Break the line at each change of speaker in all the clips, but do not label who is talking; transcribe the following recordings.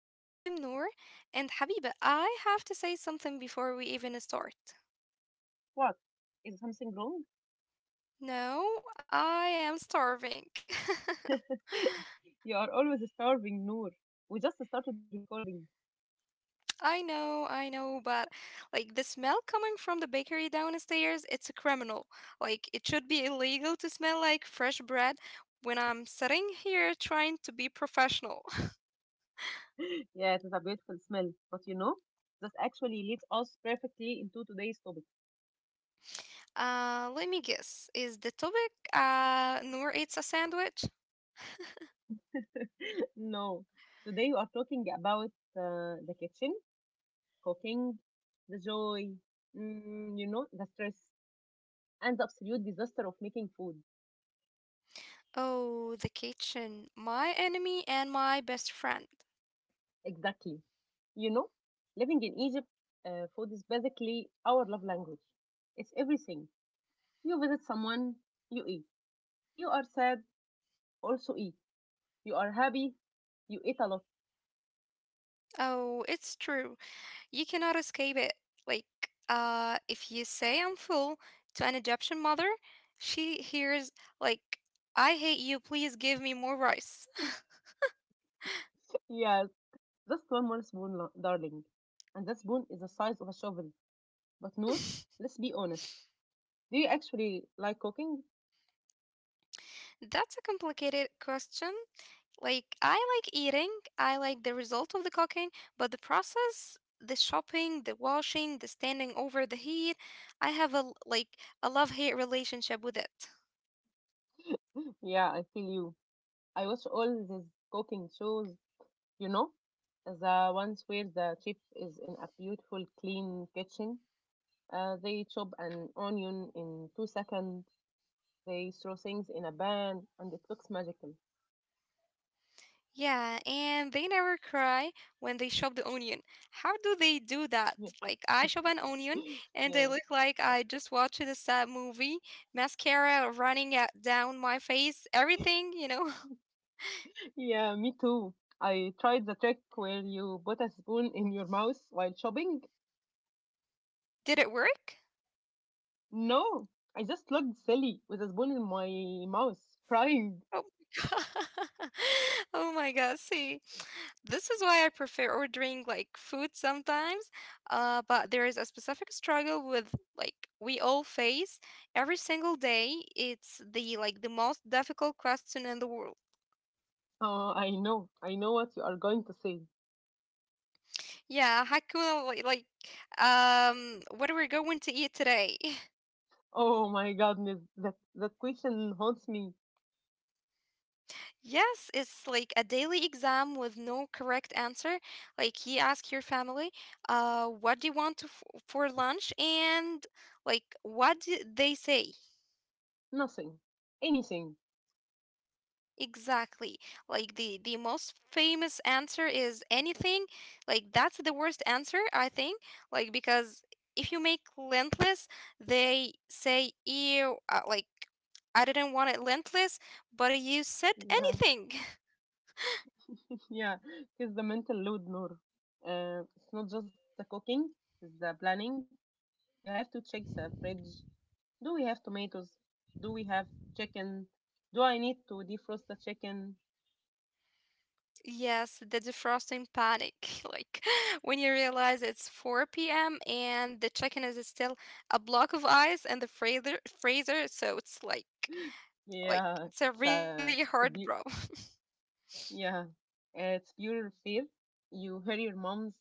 And I'm Noor. And Habiba, I have to say something before we even start.
What? Is something wrong?
No, I am starving.
You are always starving, Noor. We just started recording.
I know, but the smell coming from the bakery downstairs, it's a criminal. Like it should be illegal to smell like fresh bread when I'm sitting here trying to be professional.
Yeah, it is a beautiful smell. But this actually leads us perfectly into today's topic.
Let me guess. Is the topic Noor eats a sandwich?
No, today we are talking about the kitchen, cooking, the joy, the stress, and the absolute disaster of making food.
Oh, the kitchen. My enemy and my best friend.
Exactly. You know, living in Egypt, food is basically our love language. It's everything. You visit someone, you eat. You are sad, also eat. You are happy, you eat a lot.
Oh, it's true. You cannot escape it. Like, if you say I'm full to an Egyptian mother, she hears, like, I hate you, please give me more rice.
Yes, just one more spoon, darling. And that spoon is the size of a shovel. But Noor, let's be honest. Do you actually like cooking?
That's a complicated question. Like, I like eating, I like the result of the cooking, but the process, the shopping, the washing, the standing over the heat, I have a love-hate relationship with it.
Yeah, I feel you. I watch all these cooking shows, you know, the ones where the chef is in a beautiful, clean kitchen. They chop an onion in 2 seconds. They throw things in a pan, and it looks magical.
Yeah, and they never cry when they shop the onion. How do they do that?
Yeah.
Like, I shop an onion and I
Yeah,
look like I just watched a sad movie, mascara running at down my face, everything, you know.
yeah. Me too. I tried the trick where you put a spoon in your mouth while chopping.
Did it work?
No, I just looked silly with a spoon in my mouth, crying.
Oh my god. Oh my god. See, this is why I prefer ordering like food sometimes. But there is a specific struggle with we all face every single day. It's the most difficult question in the world.
Oh, I know what you are going to say.
Yeah, Hakuna, what are we going to eat today?
Oh my goodness, that question haunts me.
Yes, it's like a daily exam with no correct answer. Like you ask your family, what do you want to for lunch, and like what do they say
Nothing, anything.
exactly. Like the most famous answer is anything. Like that's the worst answer I think. Like because if you make lentless, they say ew. Like I didn't want it lentless, but you said
Yeah.
anything.
Yeah, it's the mental load, Noor. It's not just the cooking, it's the planning. You have to check the fridge. Do we have tomatoes? Do we have chicken? Do I need to defrost the chicken?
Yes, the defrosting panic. Like when you realize it's 4 p.m. and the chicken is still a block of ice in the freezer, so it's like
Yeah,
it's a
it's,
really
uh, it's
hard
a
problem.
bu- yeah, it's pure fear. You hear your mom's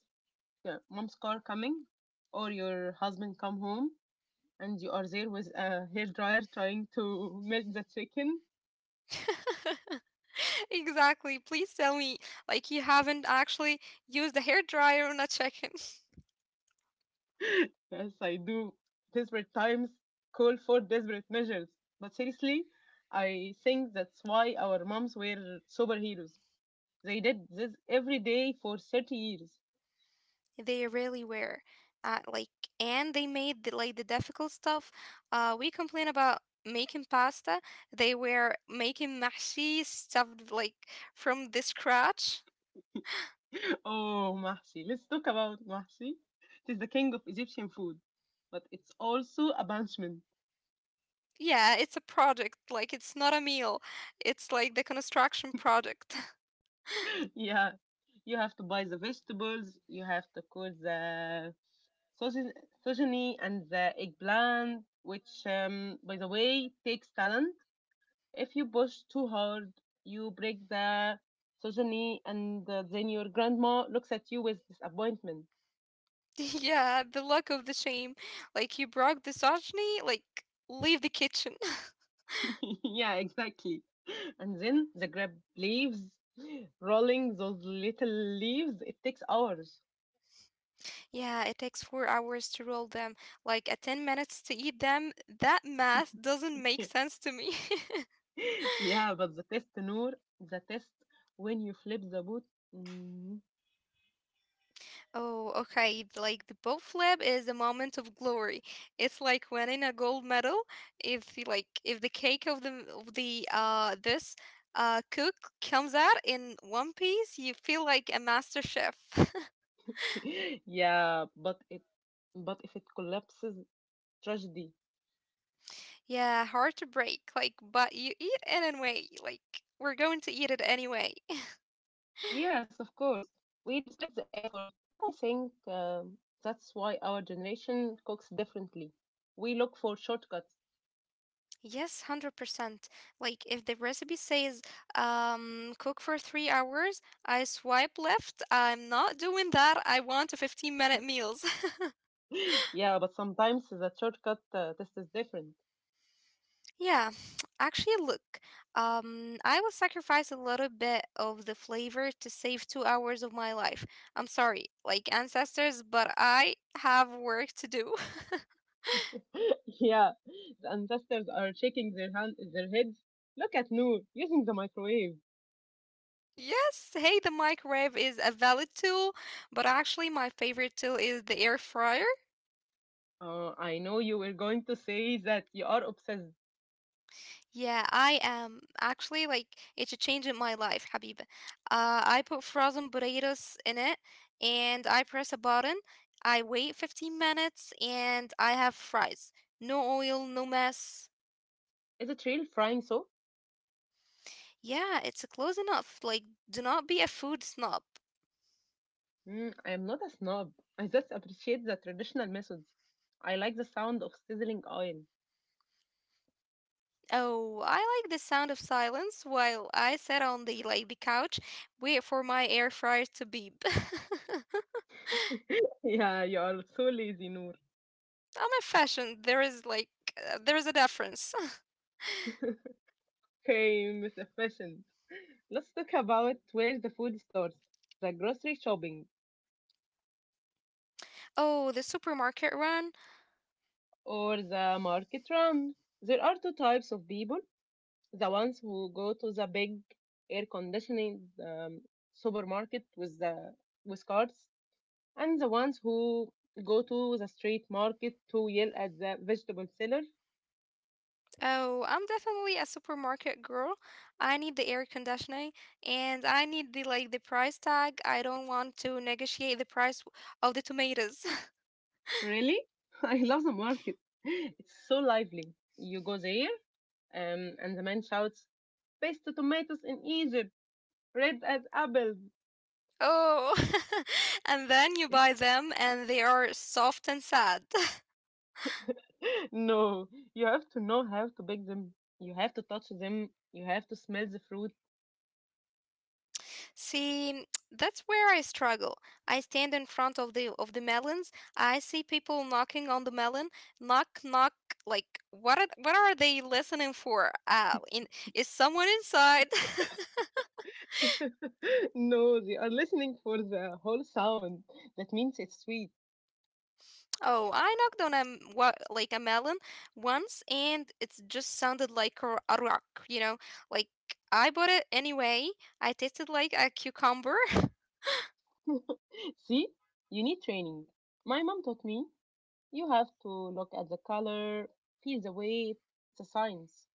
uh, mom's car coming, or your husband come home, and you are there with a hair dryer trying to melt the chicken.
Exactly. Please tell me like you haven't actually used a hair dryer on a chicken.
Yes, I do. Desperate times call for desperate measures. But seriously, I think that's why our moms were superheroes. They did this every day for 30 years.
They really were. Like and they made the difficult stuff. We complain about making pasta. They were making mahshi stuffed like from the scratch.
Oh, Mahsi. Let's talk about Mahsi. It is the king of Egyptian food, but it's also a punishment.
Yeah, it's a project, like it's not a meal. It's like the construction project.
Yeah, you have to buy the vegetables, you have to cook the sojin- sojini and the eggplant, which, by the way, takes talent. If you push too hard, you break the sesame, and then your grandma looks at you with disappointment.
Yeah, the luck of the shame. Like you broke the sashimi, like leave the kitchen.
Yeah, exactly. And then the grab leaves, rolling those little leaves. It takes hours.
Yeah, it takes 4 hours to roll them, like a 10 minutes to eat them. That math doesn't make sense to me.
Yeah, but the test, Noor, the test when you flip the boot. Mm.
Oh, okay. It's like the bow flip is a moment of glory. It's like winning a gold medal. If you like, If the cake of the this cook comes out in one piece, you feel like a master chef.
Yeah, but if it collapses, tragedy.
Yeah, hard to break. Like, but you eat it anyway. Like, we're going to eat it anyway.
Yes, of course. We respect the effort, but I think that's why our generation cooks differently. We look for shortcuts.
Yes, 100%. Like, if the recipe says cook for 3 hours, I swipe left. I'm not doing that. I want a 15-minute meals.
Yeah, but sometimes the shortcut test is different.
Yeah, actually, look, I will sacrifice a little bit of the flavor to save 2 hours of my life. I'm sorry, like ancestors, but I have work to do.
Yeah, the ancestors are shaking their heads. Look at Noor using the microwave.
Yes, hey, the microwave is a valid tool, but actually, my favorite tool is the air fryer.
I know you were going to say that you are obsessed.
Yeah, I am actually like it's a change in my life, Habib. I put frozen burritos in it and I press a button. I wait 15 minutes and I have fries. No oil, no mess.
Is it real frying so?
Yeah, it's close enough. Like, do not be a food snob.
Mm, I am not a snob. I just appreciate the traditional methods. I like the sound of sizzling oil.
Oh, I like the sound of silence while I sit on the couch, wait for my air fryer to beep.
Yeah, you are so lazy, Noor.
I'm a fashion. There is there is a difference.
Okay, Miss Efficient. Let's talk about where the food starts, the grocery shopping,
Oh, the supermarket run.
or the market run. There are two types of people: the ones who go to the big air conditioning um, supermarket with carts, and the ones who go to the street market to yell at the vegetable seller.
Oh, I'm definitely a supermarket girl. I need the air conditioning and I need the price tag. I don't want to negotiate the price of the tomatoes.
Really? I love the market. It's so lively. You go there, and the man shouts best tomatoes in Egypt, red as apples.
Oh. And then you buy them and they are soft and sad.
No, you have to know how to pick them. You have to touch them. You have to smell the fruit.
See, that's where I struggle. I stand in front of the melons. I see people knocking on the melon. Knock, knock. Like what are they listening for? Is someone inside?
No, they are listening for the whole sound. That means it's sweet.
Oh, I knocked on a m- wa- like a melon once, and it just sounded like a rock. You know, like I bought it anyway. I tasted like a cucumber.
See, you need training. My mom taught me you have to look at the color, feel the weight. It's a science.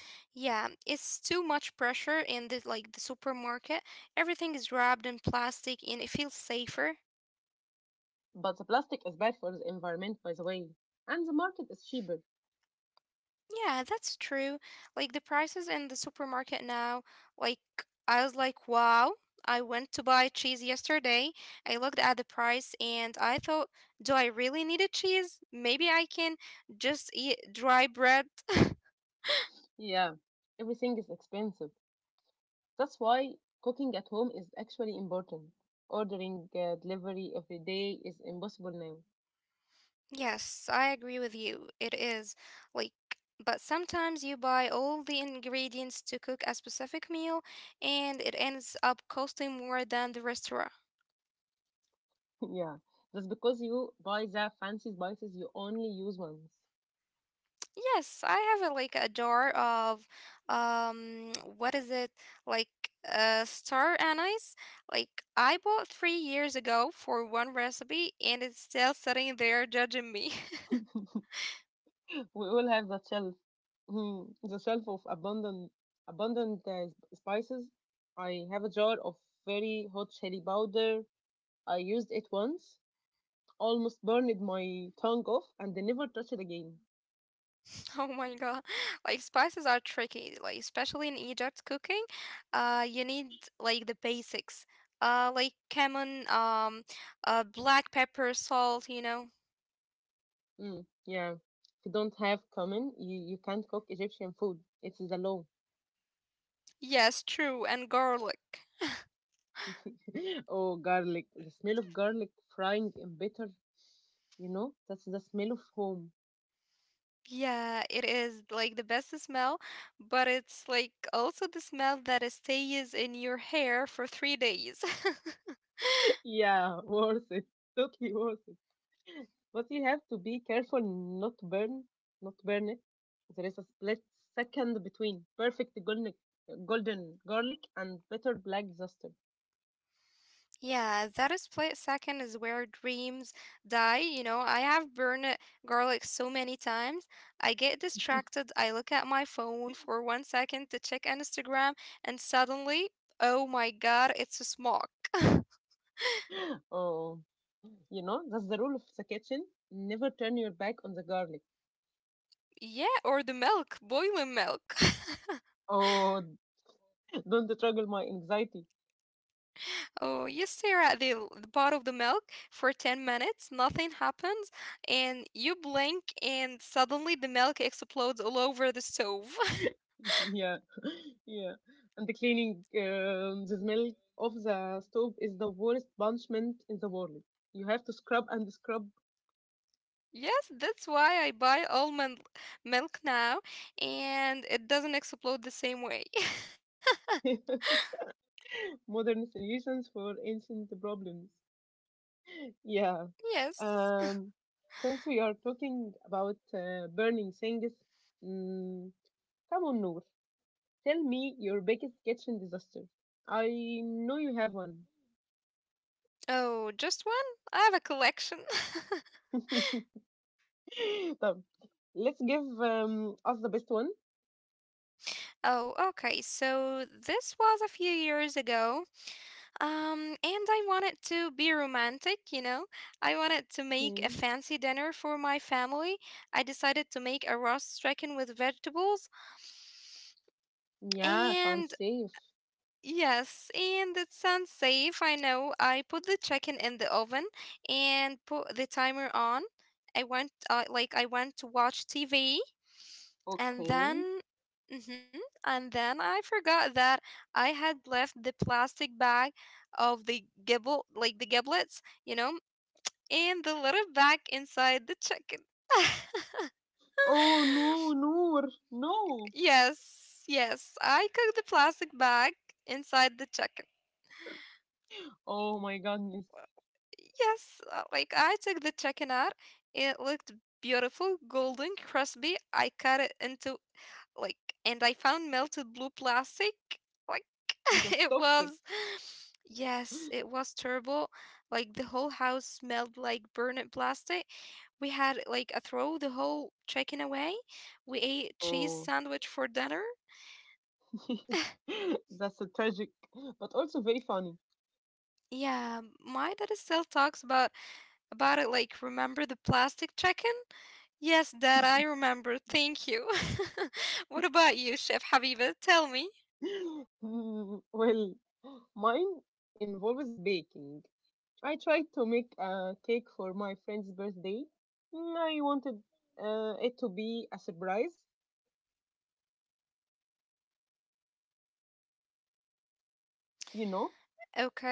Yeah, it's too much pressure in the supermarket. Everything is wrapped in plastic, and it feels safer.
But the plastic is bad for the environment, by the way. And the market is cheaper.
Yeah, that's true. Like the prices in the supermarket now, like I was like, wow, I went to buy cheese yesterday. I looked at the price and I thought, do I really need a cheese? Maybe I can just eat dry bread.
Yeah, everything is expensive. That's why cooking at home is actually important. Ordering delivery every day is impossible now.
Yes, I agree with you. It is like, but sometimes you buy all the ingredients to cook a specific meal and it ends up costing more than the restaurant.
Yeah, that's because you buy the fancy spices you only use once.
Yes, I have like a jar of what is it? Like Star anise. Like I bought 3 years ago for one recipe and it's still sitting there judging me.
We all have that shelf. Hmm, the shelf of abundant, abundant spices. I have a jar of very hot chili powder. I used it once, almost burned my tongue off, and never touched it again.
Oh my God. Like spices are tricky, like especially in Egypt cooking. You need like the basics. Like cumin, black pepper, salt, you know.
Mm, yeah. If you don't have cumin, you can't cook Egyptian food. It's the law.
Yes, true, and garlic.
Oh, garlic. The smell of garlic frying in butter, you know, that's the smell of home.
Yeah, it is like the best smell, but it's like also the smell that stays in your hair for 3 days.
Yeah, worth it. Totally worth it. But you have to be careful not to burn it. There is a split second between perfect golden, golden garlic and bitter black duster.
Yeah, that is split second is where dreams die. You know, I have burned garlic so many times. I get distracted. I look at my phone for 1 second to check Instagram, and suddenly, oh my God, it's a smoke.
Oh, you know, that's the rule of the kitchen. Never turn your back on the garlic.
Yeah, or the milk, boiling milk.
Oh, don't struggle my anxiety.
Oh, you stare at the bottle of the milk for 10 minutes, nothing happens, and you blink, and suddenly the milk explodes all over the stove.
Yeah, yeah. And the cleaning, the smell of the stove is the worst punishment in the world. You have to scrub and scrub.
Yes, that's why I buy almond milk now, and it doesn't explode the same way.
Modern solutions for ancient problems. Yeah.
Yes.
Um, since we are talking about burning things, mm, come on, Noor. Tell me your biggest kitchen disaster. I know you have one.
Oh, just one? I have a collection.
So let's give us the best one.
Oh, okay. So this was a few years ago. And I want it to be romantic, you know. I wanted to make a
Mm.
fancy dinner for my family. I decided to make a roast chicken with vegetables.
Yeah, sounds
And
safe.
yes, and it sounds safe. I know. I put the chicken in the oven and put the timer on. I went, I went to watch TV and
Okay.
then, and then I forgot that I had left the plastic bag of the gibble, like the giblets, you know, and the little bag inside the chicken.
Oh no, Noor, no.
Yes, yes, I cooked the plastic bag inside the chicken.
Oh my goodness,
Yes, like I took the chicken out. It looked beautiful, golden, crispy. I cut it into like and I found melted blue plastic like.
that's
It
toxic.
was yes it was terrible, like the whole house smelled like burnt plastic. We had like a throw the whole chicken away. We ate cheese
Oh,
sandwich for dinner.
that's a tragic, but also very funny.
Yeah, my dad still talks about it, like remember the plastic chicken. Yes, dad, I remember, thank you. What about you, chef Habiba, tell me.
Mm, well, mine involves baking. I tried to make a cake for my friend's birthday. Mm, I wanted it to be a surprise, you know?
Okay.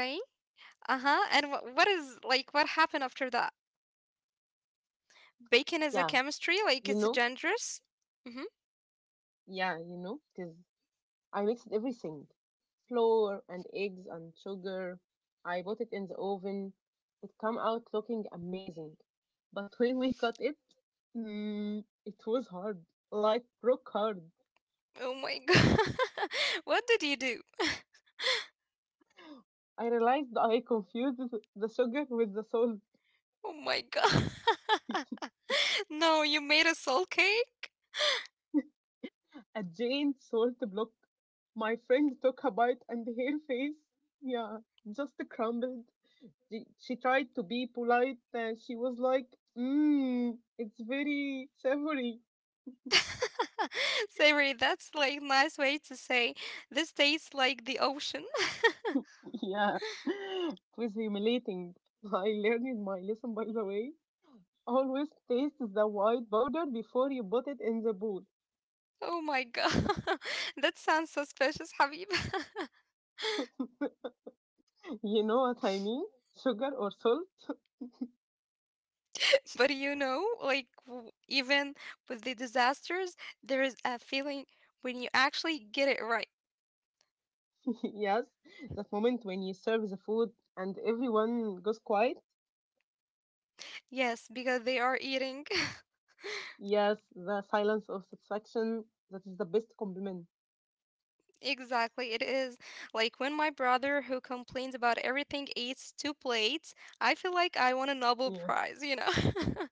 Uh-huh. And what is like what happened after that? Bacon is a
Yeah,
chemistry, like
you
it's
know?
dangerous. Mm-hmm.
Yeah, you know, it is. I mixed everything, flour and eggs and sugar. I put it in the oven. It came out looking amazing. But when we cut it, mm, it was hard, like rock hard.
Oh my god. What did you do?
I realized I confused the sugar with the salt,
Oh my god. No, you made a soul cake?
a giant salt block. My friend took a bite and her face, yeah, just crumbled. She tried to be polite and she was like, mmm, it's very savory.
Savory, that's like nice way to say this tastes like the ocean.
Yeah, it was humiliating. I learned in my lesson, by the way. Always taste the white powder before you put it in the bowl.
Oh my god. That sounds so suspicious, Habib.
You know what I mean? Sugar or salt?
But you know, even with the disasters, there is a feeling when you actually get it right.
Yes, that moment when you serve the food and everyone goes quiet.
Yes, because they are eating.
Yes, the silence of satisfaction. That is the best compliment.
Exactly, it is. Like when my brother, who complains about everything, eats two plates, I feel like I won a Nobel
Yeah.
Prize, you know?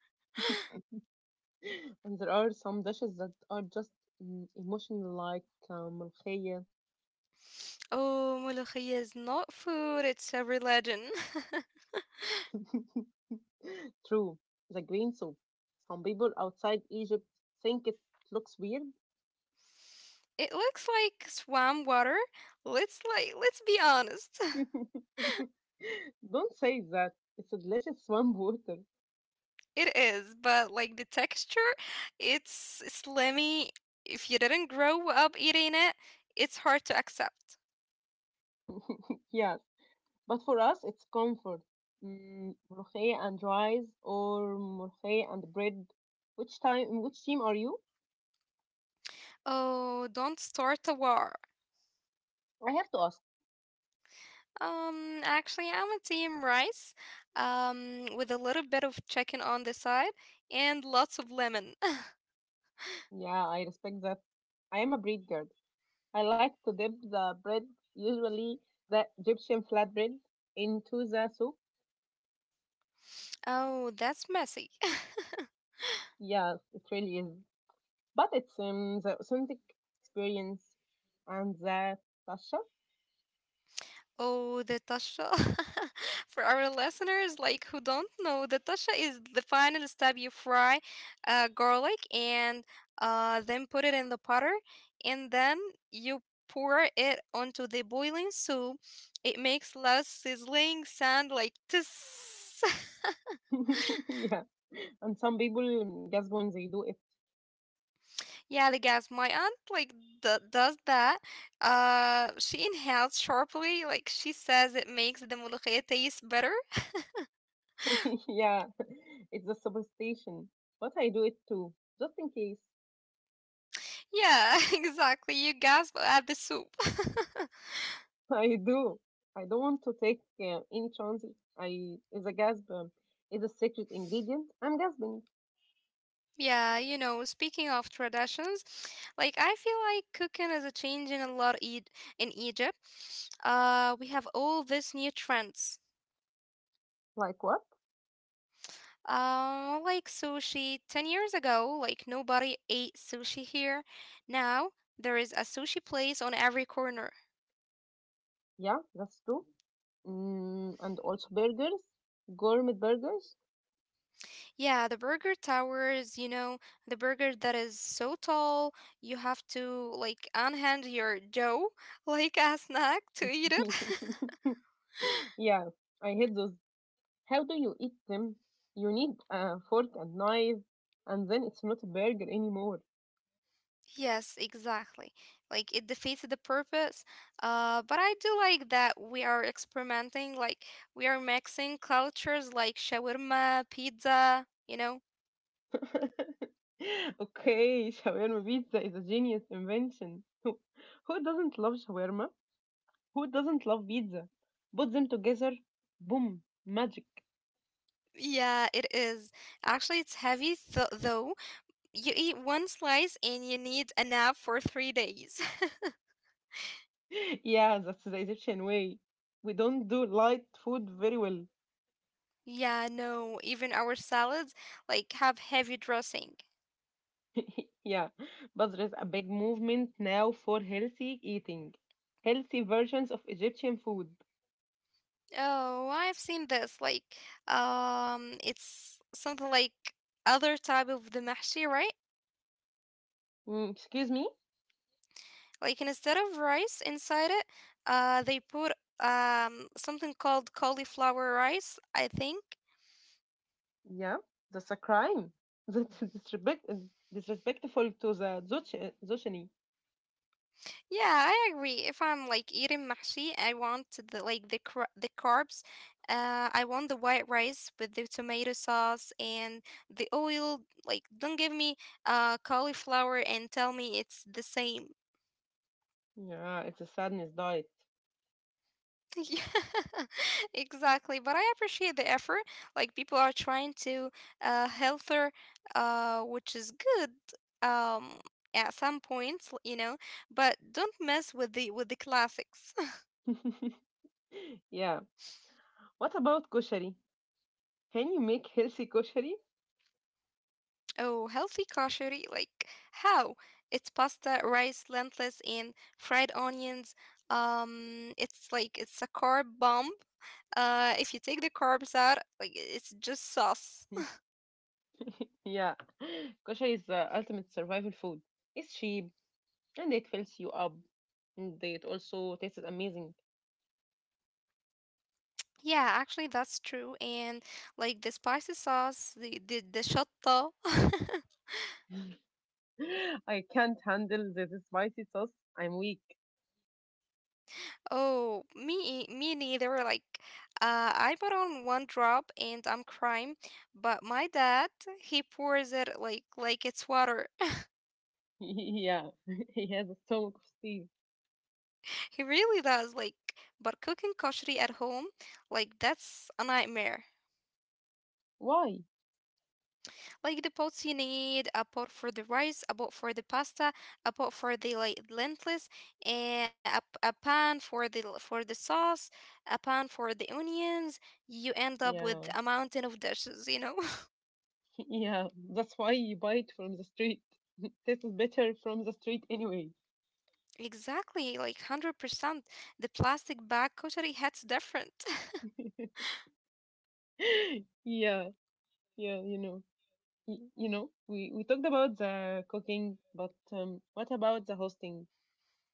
And there are some dishes that are just mm, emotional, like um,
Oh, ملوخية is not food, it's a religion.
true, the green soup. Some people outside Egypt think it looks weird.
It looks like swamp water. Let's be honest.
Don't say that. It's a delicious swamp water.
It is, but like the texture, it's slimy. If you didn't grow up eating it, it's hard to accept.
Yes, but for us, it's comfort. Mm, ملوخية and rice or ملوخية and bread. Which time? Which team are you?
Oh, don't start a war.
I have to ask.
Actually, I'm a team rice, with a little bit of chicken on the side and lots of lemon.
Yeah, I respect that. I am a bread girl. I like to dip the bread, usually the Egyptian flatbread, into the soup.
Oh, that's messy.
Yes, it really is. But it seems the authentic experience and the Tasha.
Oh, the tasha. For our listeners, like who don't know, the tasha is the final step. You fry garlic and then put it in the butter, and then you pour it onto the boiling soup. It makes loud sizzling sound like tss.
Yeah. And some people just when they do it.
Yeah, the gas. My aunt like does that. She inhales sharply. Like she says, it makes the ملوخية taste better.
Yeah. It's a superstition. But I do it too, just in case.
Yeah, exactly. You gasp at the soup.
I do. I don't want to take any chances. I is a gasp, is a secret ingredient. I'm gasping.
Yeah. Speaking of traditions, I feel like cooking is a change in a lot e- in Egypt. We have all these new trends.
Like what?
Like sushi. 10 years ago, nobody ate sushi here. Now there is a sushi place on every corner.
Yeah, that's true. Mm, and also burgers, gourmet burgers.
Yeah, the burger towers, the burger that is so tall, you have to unhand your dough like a snack to eat it.
Yeah, I hate those. How do you eat them? You need a fork and knife, and then it's not a burger anymore.
Yes, exactly. Like it defeats the purpose. But I do like that we are experimenting, like we are mixing cultures like shawarma, pizza,
Okay, shawarma pizza is a genius invention. Who, doesn't love shawarma? Who doesn't love pizza? Put them together, boom, magic.
Yeah, it is. Actually, it's heavy though. You eat one slice and you need a nap for 3 days.
Yeah, that's the Egyptian way. We don't do light food very well.
Yeah, no, even our salads have heavy dressing.
Yeah, but there is a big movement now for healthy eating, healthy versions of Egyptian food.
Oh, I've seen this. It's something like other type of the mahshi, right?
Mm, excuse me?
Like instead of rice inside it, they put something called cauliflower rice, I think.
Yeah, that's a crime. That's disrespect, disrespectful to the Zucchini.
Yeah, I agree. If I'm eating mahshi, I want the carbs. I want the white rice with the tomato sauce and the oil. Like, don't give me cauliflower and tell me it's the same.
Yeah, it's a sadness diet.
Yeah, exactly. But I appreciate the effort. Like, people are trying to healthier, which is good. Um, at some points, but don't mess with the classics.
Yeah. What about koshari? Can you make healthy koshari?
Oh, healthy kashari? Like how? It's pasta, rice, lentils, and fried onions. It's it's a carb bomb. If you take the carbs out, like it's just sauce.
Yeah. Koshari is the ultimate survival food. It's cheap and it fills you up. And it also tastes amazing.
Yeah, actually that's true. And the spicy sauce, the shatta.
I can't handle the spicy sauce. I'm weak.
Oh, me neither. I put on one drop and I'm crying, but my dad, he pours it like it's water.
Yeah. He has a stomach of steel.
He really does. Like, but cooking kashri at home, like that's a nightmare.
Why?
Like the pots you need, a pot for the rice, a pot for the pasta, a pot for the lentils, and a pan for for the sauce, a pan for the onions. You end up with
Yeah.
a mountain of dishes, you know?
Yeah, that's why you buy it from the street. Tastes better from the street anyway.
Exactly, like 100%. The plastic bag kashri hits different.
Yeah, yeah, you know. You know, we talked about the cooking, but what about the hosting?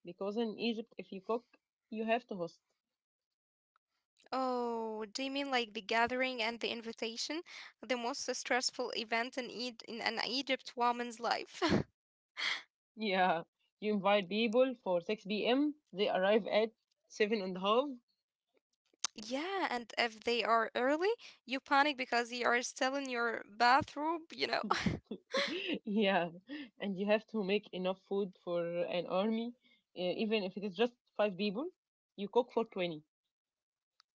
Because in Egypt, if you cook, you have to host.
Oh, do you mean like the gathering and the invitation? The most stressful event in in an Egypt woman's life.
Yeah, you invite people for 6 p.m., they arrive at seven and a half.
Yeah, and if they are early, you panic because you are still in your bathrobe, you know?
Yeah, and you have to make enough food for an army, even if it is just five people, you cook for 20.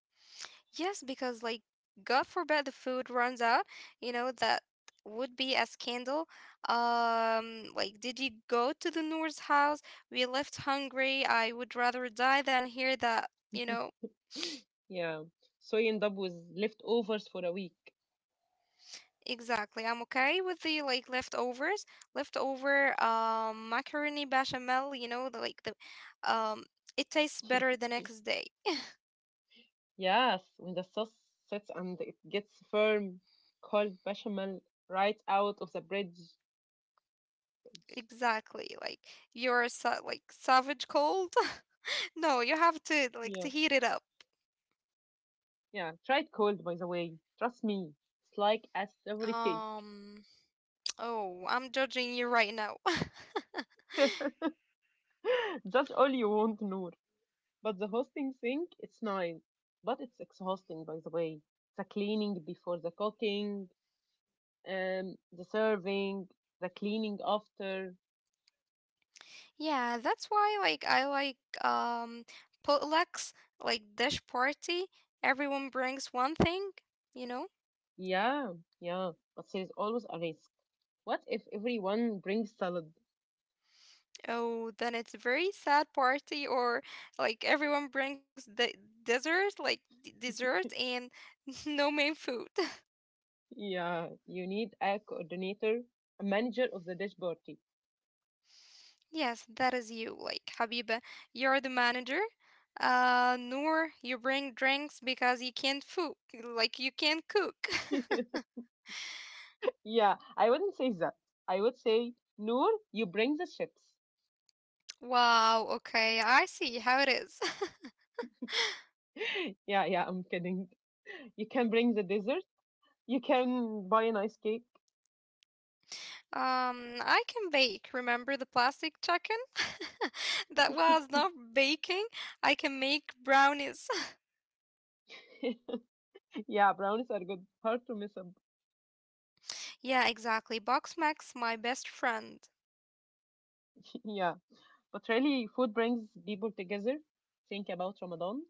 Yes, because like God forbid the food runs out, you know, that would be a scandal. Um, like did you go to the Noor's house? We left hungry. I would rather die than hear that, you know.
Yeah, soy and dub with leftovers for a week.
Exactly. I'm okay with the leftovers, leftover macaroni bechamel, you know, the like the um it tastes better the next day.
Yes, when the sauce sets and it gets firm, cold bechamel right out of the bridge.
Exactly. Like you're sa like savage cold. No, you have to
Yeah,
to heat it up.
yeah. Try it cold, by the way. Trust me, it's like a savory cake.
Um oh, I'm judging you right now.
Judge all you want, Noor. But the hosting thing, it's nice, but it's exhausting, by the way. The cleaning before the cooking, the serving, the cleaning after.
Yeah, that's why I like potlucks, like dish party. Everyone brings one thing, you know?
Yeah, yeah, but there is always a risk. What if everyone brings salad?
Oh, then it's a very sad party, or like everyone brings the dessert, like dessert and no main food.
Yeah, you need a coordinator, a manager of the dish party.
Yes, that is you. Like Habiba, you're the manager. Noor, you bring drinks because you can't food, like you can't cook.
Yeah, I wouldn't say that. I would say, Noor, you bring the chips.
Wow, okay, I see how it is.
Yeah, yeah, I'm kidding. You can bring the dessert. You can buy a nice cake.
I can bake. Remember the plastic chicken? That was not baking. I can make brownies.
Yeah, brownies are good. Hard to miss up.
Yeah, exactly. Box Max, my best friend.
Yeah, but really, food brings people together. Think about Ramadan.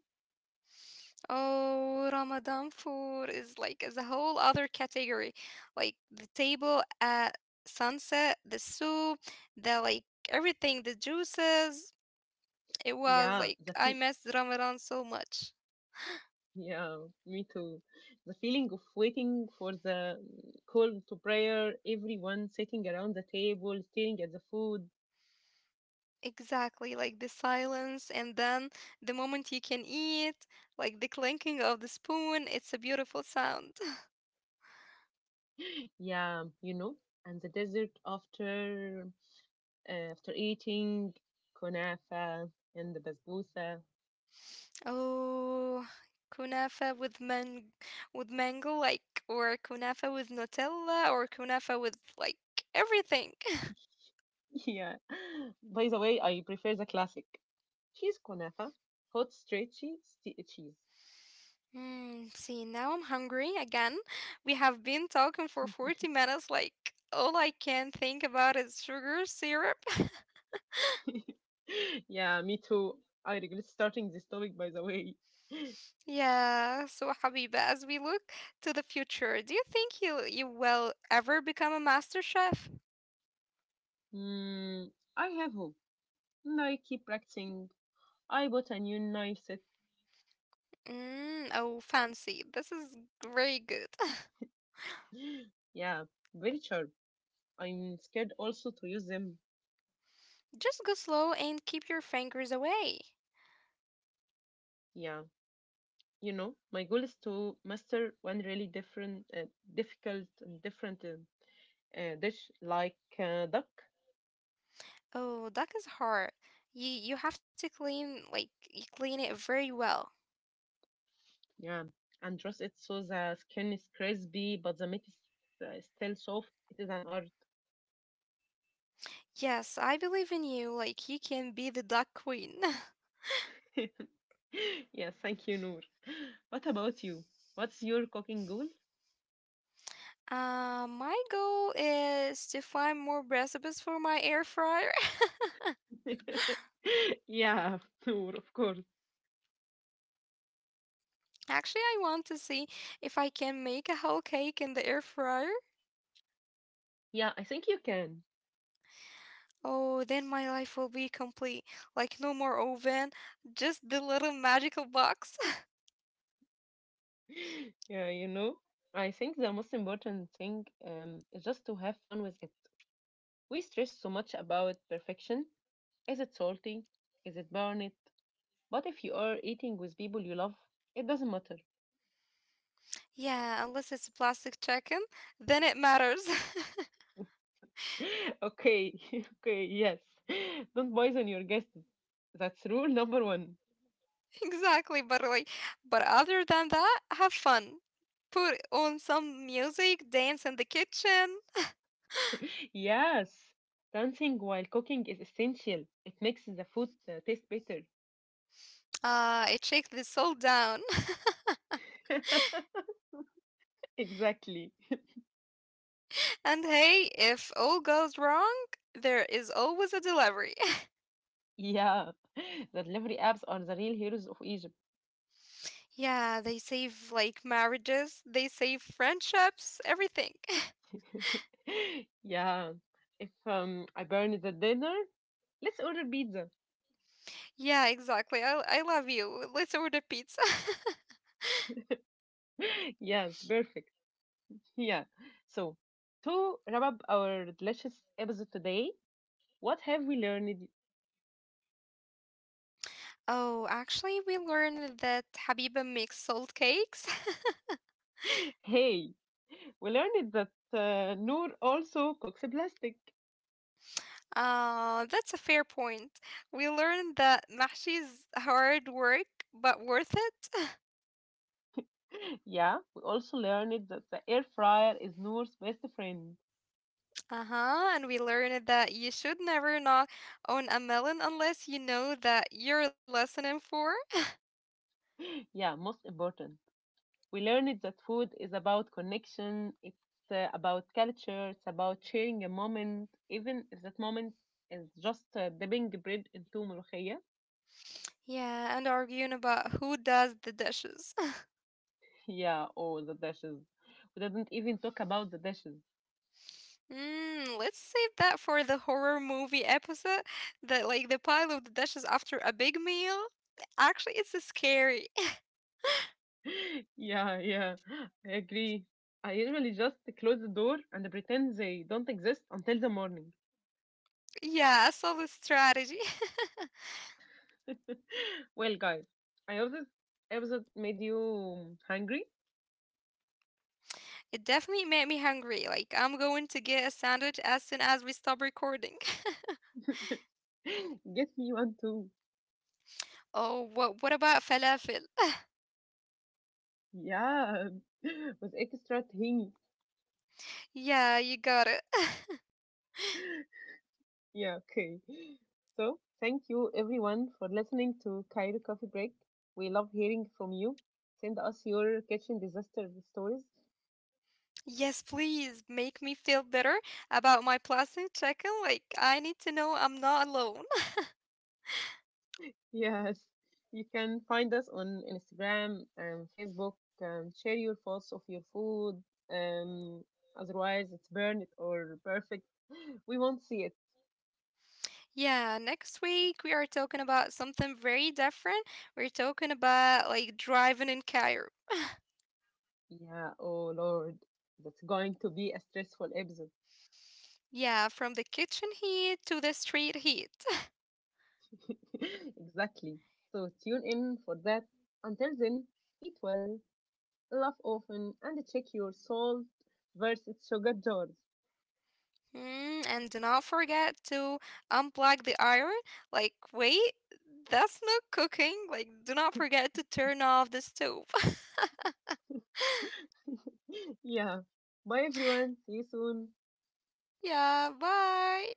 Oh, Ramadan food is is a whole other category. Like the table at sunset, the soup, the like everything, the juices. It was
Yeah,
like
the
I
fe
missed Ramadan so much.
Yeah, me too. The feeling of waiting for the call to prayer, everyone sitting around the table, staring at the food.
Exactly, like the silence and then the moment you can eat, like the clinking of the spoon, it's a beautiful sound.
Yeah, you know, and the dessert after after eating kunafa and the basbousa.
Oh, kunafa with man with mango like or kunafa with Nutella or kunafa with everything.
Yeah. By the way, I prefer the classic cheese kunafa, hot stretchy cheese.
Hmm, see, now I'm hungry again. We have been talking for 40 minutes like all I can think about is sugar syrup.
Yeah, me too. I regret starting this topic, by the way.
Yeah, so Habiba, as we look to the future, do you think you will ever become a master chef?
Mm, I have hope. And I keep practicing. I bought a new knife set.
Mm, oh, fancy. This is very good.
Yeah, very sharp. I'm scared also to use them.
Just go slow and keep your fingers away.
Yeah, you know, my goal is to master one really different, difficult, and different dish like duck.
Oh, that is hard. You have to clean like you clean it very well.
Yeah, and roast it so the skin is crispy, but the meat is still soft. It is an art.
Yes, I believe in you. Like you can be the duck queen.
Yeah, thank you, Noor. What about you? What's your cooking goal?
My goal is to find more recipes for my air fryer.
Yeah, Noor, of course.
Actually, I want to see if I can make a whole cake in the air fryer.
Yeah, I think you can.
Oh, then my life will be complete. Like no more oven, just the little magical box.
Yeah, you know, I think the most important thing is just to have fun with it. We stress so much about perfection. Is it salty? Is it burnt? But if you are eating with people you love, it doesn't matter.
Yeah, unless it's a plastic chicken, then it matters.
Okay, okay, yes. Don't poison your guests. That's rule number one.
Exactly, but other than that, have fun. Put on some music, dance in the kitchen.
Yes, dancing while cooking is essential. It makes the food taste better.
It shakes the soul down.
Exactly.
And hey, if all goes wrong, there is always a delivery.
Yeah, the delivery apps are the real heroes of Egypt.
Yeah, they save like marriages, they save friendships, everything.
Yeah. If I burn the dinner, let's order pizza.
Yeah, exactly. I love you. Let's order pizza.
Yes, perfect. Yeah. So, to wrap up our delicious episode today, what have we learned?
Oh, actually, we learned that Habiba makes salt cakes.
Hey, we learned that Noor also cooks in plastic.
That's a fair point. We learned that mahshi is hard work but worth it.
Yeah, we also learned that the air fryer is Noor's best friend.
Uh-huh, and we learned that you should never knock on a melon unless you know that you're listening for.
Yeah, most important. We learned that food is about connection, it's about culture, it's about sharing a moment, even if that moment is just dipping bread into ملوخية.
Yeah, and arguing about who does the dishes.
Yeah, oh, the dishes. We didn't even talk about the dishes.
Mm, let's save that for the horror movie episode. That like the pile of the dishes after a big meal. Actually, it's scary.
Yeah, yeah, I agree. I usually just close the door and pretend they don't exist until the morning.
Yeah, a solid strategy.
Well, guys, I hope this episode made you hungry.
It definitely made me hungry. Like I'm going to get a sandwich as soon as we stop recording.
Get me one too.
Oh, what about falafel?
Yeah, with extra thing.
Yeah, you got it.
Yeah, okay. So, thank you everyone for listening to Cairo Coffee Break. We love hearing from you. Send us your kitchen disaster stories.
Yes, please make me feel better about my plastic chicken. Like I need to know I'm not alone.
Yes, you can find us on Instagram and Facebook. Share your thoughts of your food. Um, otherwise, it's burn it or perfect. We won't see it.
Yeah, next week we are talking about something very different. We're talking about like driving in Cairo.
Yeah, oh Lord, that's going to be a stressful episode.
Yeah, from the kitchen heat to the street heat.
Exactly. So tune in for that. Until then, eat well, laugh often, and check your salt versus sugar jars.
Mm, and do not forget to unplug the iron. Like, wait, that's not cooking. Like, do not forget to turn off the stove.
Yeah. Bye, everyone. See you soon.
yeah, bye.